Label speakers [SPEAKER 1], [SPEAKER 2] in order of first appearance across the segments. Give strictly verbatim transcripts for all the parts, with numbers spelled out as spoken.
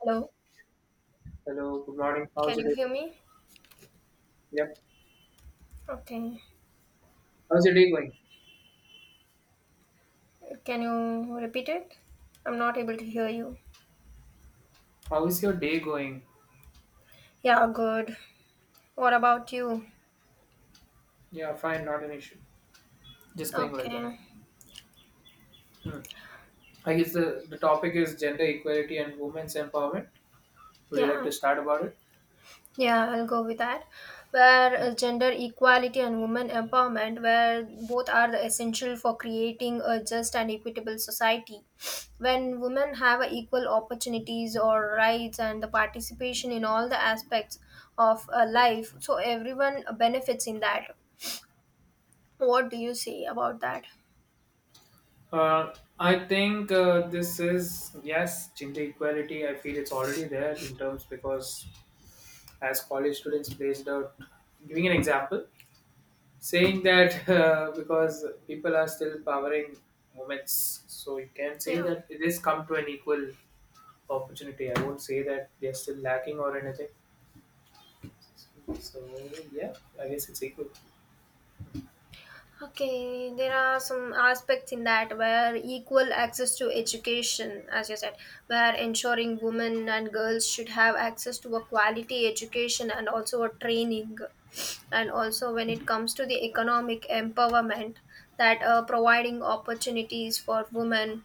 [SPEAKER 1] Hello,
[SPEAKER 2] Hello, good morning. How's
[SPEAKER 1] can
[SPEAKER 2] your
[SPEAKER 1] you
[SPEAKER 2] day?
[SPEAKER 1] hear me?
[SPEAKER 2] Yep.
[SPEAKER 1] Okay,
[SPEAKER 2] How's your day going?
[SPEAKER 1] can you repeat it? I'm not able to hear you.
[SPEAKER 2] How is your day going?
[SPEAKER 1] Yeah, good. What about you?
[SPEAKER 2] Yeah, fine, not an issue. Just going like that.
[SPEAKER 1] Okay,
[SPEAKER 2] Hmm. I guess the, the topic is gender equality and women's empowerment. Would you like
[SPEAKER 1] yeah,
[SPEAKER 2] to start about it?
[SPEAKER 1] yeah, I'll go with that. Where uh, gender equality and women empowerment, where both are the essential for creating a just and equitable society. When women have a equal opportunities or rights and the participation in all the aspects of uh, life, so everyone benefits in that. What do you say about that?
[SPEAKER 2] Uh, I think uh, this is, yes, gender equality. I feel it's already there in terms because as college students placed out, giving an example, saying that uh, because people are still powering women's, so you can say
[SPEAKER 1] Yeah.
[SPEAKER 2] that it is come to an equal opportunity. I won't say that they're still lacking or anything. So yeah, I guess it's equal.
[SPEAKER 1] Okay, there are some aspects in that where equal access to education, as you said, where ensuring women and girls should have access to a quality education and also a training, and also when it comes to the economic empowerment, that uh, providing opportunities for women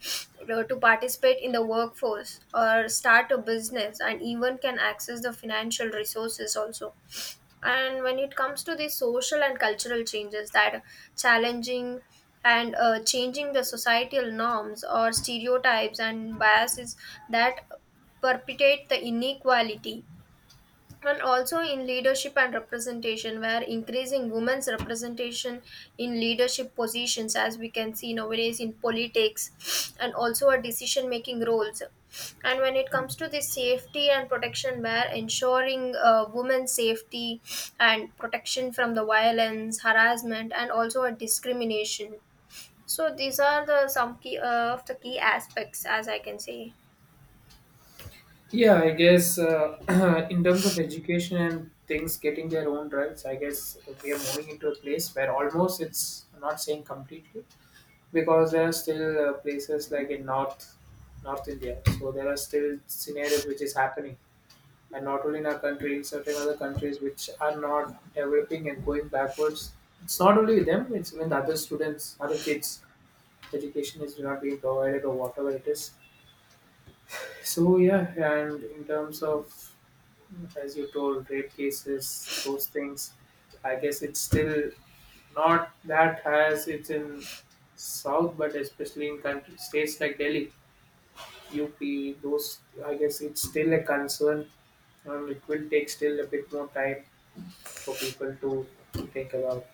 [SPEAKER 1] uh, to participate in the workforce or start a business and even can access the financial resources also. And when it comes to the social and cultural changes that challenging and uh, changing the societal norms or stereotypes and biases that perpetuate the inequality, and also in leadership and representation where increasing women's representation in leadership positions as we can see nowadays in politics and also a decision making roles, and when it comes to the safety and protection where ensuring uh, women's safety and protection from the violence harassment and also a discrimination. So these are the some key uh, of the key aspects as I can say.
[SPEAKER 2] Yeah, I guess uh, in terms of education and things getting their own rights, I guess we are moving into a place where almost it's I'm not saying completely because there are still uh, places like in North North India. So there are still scenarios which is happening, and not only in our country, in certain other countries which are not developing and going backwards. It's not only them; it's even the other students, other kids education is not being provided or whatever it is. So yeah, and in terms of as you told, rape cases, those things, I guess it's still not that as it's in South, but especially in country states like Delhi, U P, those I guess it's still a concern, and it will take still a bit more time for people to think about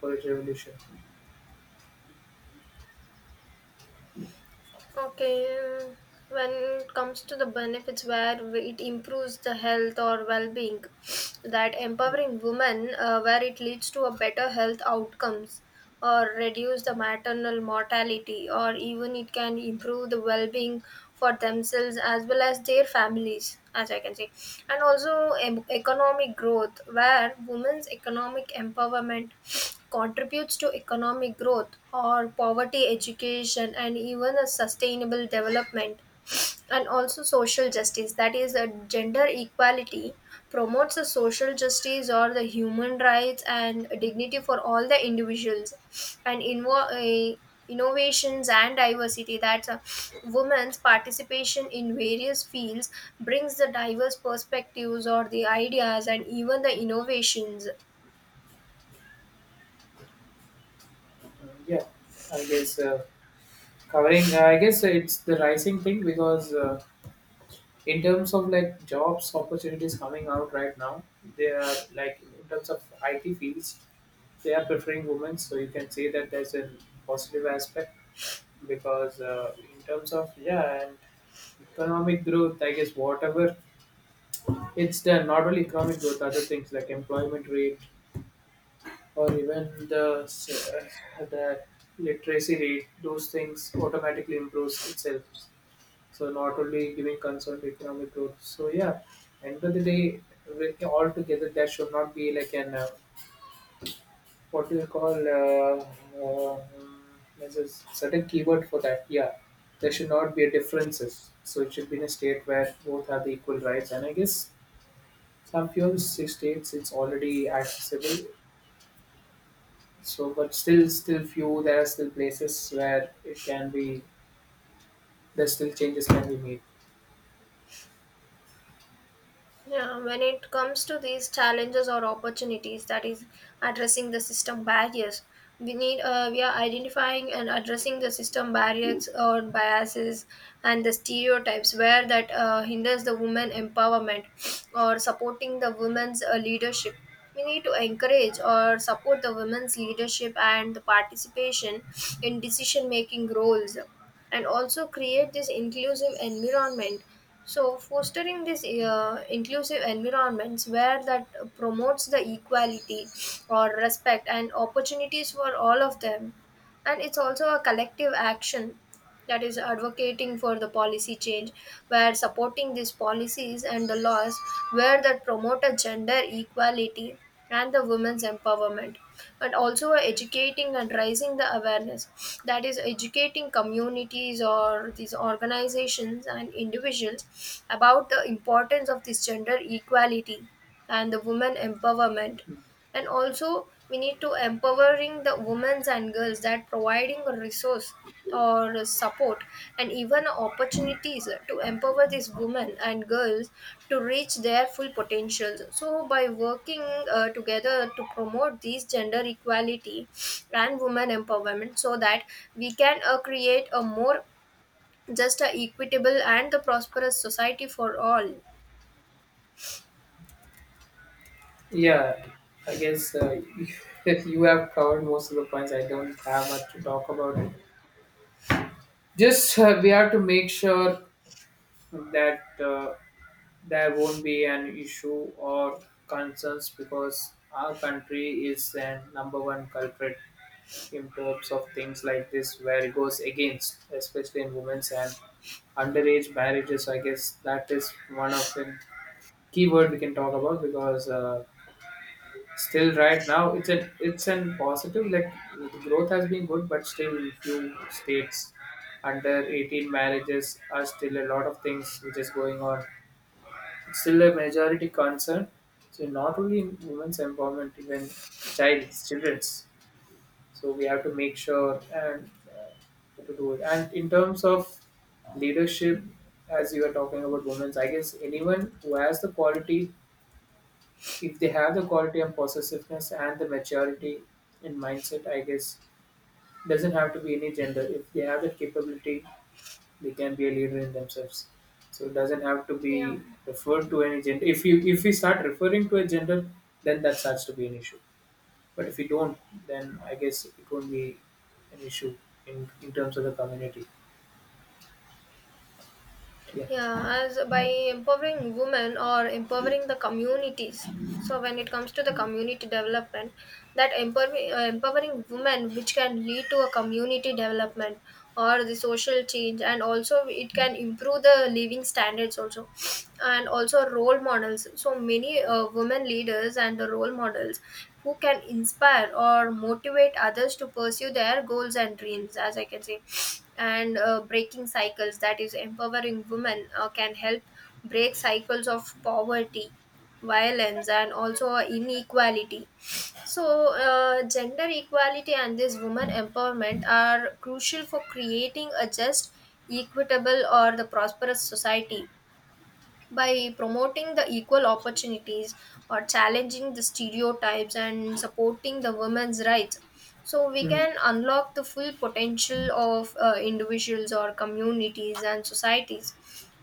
[SPEAKER 2] for its revolution.
[SPEAKER 1] Okay, um, when it comes to the benefits where it improves the health or well-being, that empowering women uh, where it leads to a better health outcomes or reduce the maternal mortality or even it can improve the well-being for themselves as well as their families as I can say, and also em- economic growth where women's economic empowerment contributes to economic growth or poverty education and even a sustainable development, and also social justice, that is a gender equality promotes a social justice or the human rights and dignity for all the individuals, and invo- uh, innovations and diversity, that's a women's participation in various fields brings the diverse perspectives or the ideas and even the innovations.
[SPEAKER 2] Uh, yeah, I guess uh, covering. I guess it's the rising thing because. Uh, in terms of like jobs opportunities coming out right now they are like in terms of it fields they are preferring women, so you can say that there's a positive aspect because uh, in terms of yeah and economic growth I guess whatever it's there. Not only economic growth, other things like employment rate or even the s- uh, the literacy rate those things automatically improves itself. So not only giving concern to economic growth. So yeah, end of the day, with- all together that should not be like an uh, what do you call uh, uh, there's a certain keyword for that. Yeah, there should not be a differences. So it should be in a state where both have the equal rights. And I guess some few states it's already accessible. So but still, still few there are still places where it can be. There's still changes can be made.
[SPEAKER 1] Yeah, when it comes to these challenges or opportunities, that is addressing the system barriers. We need uh, we are identifying and addressing the system barriers or biases and the stereotypes where that uh, hinders the women empowerment or supporting the women's uh, leadership. We need to encourage or support the women's leadership and the participation in decision making roles, and also create this inclusive environment, so fostering this uh, inclusive environments where that promotes the equality or respect and opportunities for all of them. And it's also a collective action, that is advocating for the policy change where supporting these policies and the laws where that promote a gender equality and the women's empowerment, and also educating and raising the awareness, that is educating communities or these organizations and individuals about the importance of this gender equality and the women empowerment. And also we need to empowering the women and girls, that providing a resource or support and even opportunities to empower these women and girls to reach their full potentials. So by working uh, together to promote these gender equality and women empowerment, so that we can uh, create a more just a equitable and the prosperous society for all.
[SPEAKER 2] Yeah, I guess uh, you have covered most of the points. I don't have much to talk about. Just uh, we have to make sure that uh, there won't be an issue or concerns because our country is a number one culprit in terms of things like this, where it goes against, especially in women's and underage marriages. I guess that is one of the keyword we can talk about because uh, still, right now, it's an it's an positive. Like the growth has been good, but still, few states under eighteen marriages are still a lot of things which is going on. It's still a majority concern. So not only in women's empowerment, even child's children's. So we have to make sure and uh, to do it. And in terms of leadership, as you were talking about women's, I guess anyone who has the quality if they have the quality and possessiveness and the maturity in mindset, I guess doesn't have to be any gender. If they have that capability, they can be a leader in themselves. So it doesn't have to
[SPEAKER 1] yeah
[SPEAKER 2] be referred to any gender. If you if we start referring to a gender, then that starts to be an issue. But if you don't, then I guess it won't be an issue in, in terms of the community. Yeah.
[SPEAKER 1] yeah as by empowering women or empowering the communities, so when it comes to the community development, that empowering uh, empowering women, which can lead to a community development or the social change, and also it can improve the living standards also and also role models. So many uh, women leaders and the role models who can inspire or motivate others to pursue their goals and dreams as I can say, and uh, breaking cycles, that is empowering women uh, can help break cycles of poverty violence and also inequality. So uh, gender equality and this woman empowerment are crucial for creating a just equitable or the prosperous society by promoting the equal opportunities or challenging the stereotypes and supporting the women's rights, so we
[SPEAKER 2] Mhm.
[SPEAKER 1] can unlock the full potential of uh, individuals or communities and societies,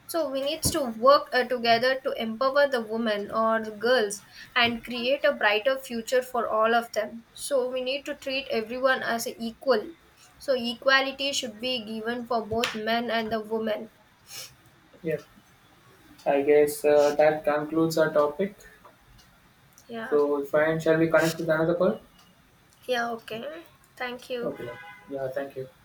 [SPEAKER 1] so we need to work uh, together to empower the women or the girls and create a brighter future for all of them. So we need to treat everyone as an equal, so equality should be given for both men and the women.
[SPEAKER 2] Yeah. I guess uh, that concludes our topic.
[SPEAKER 1] Yeah.
[SPEAKER 2] So, fine. Shall we connect with another call?
[SPEAKER 1] Yeah, okay. Thank you.
[SPEAKER 2] Okay. Then. Yeah. Thank you.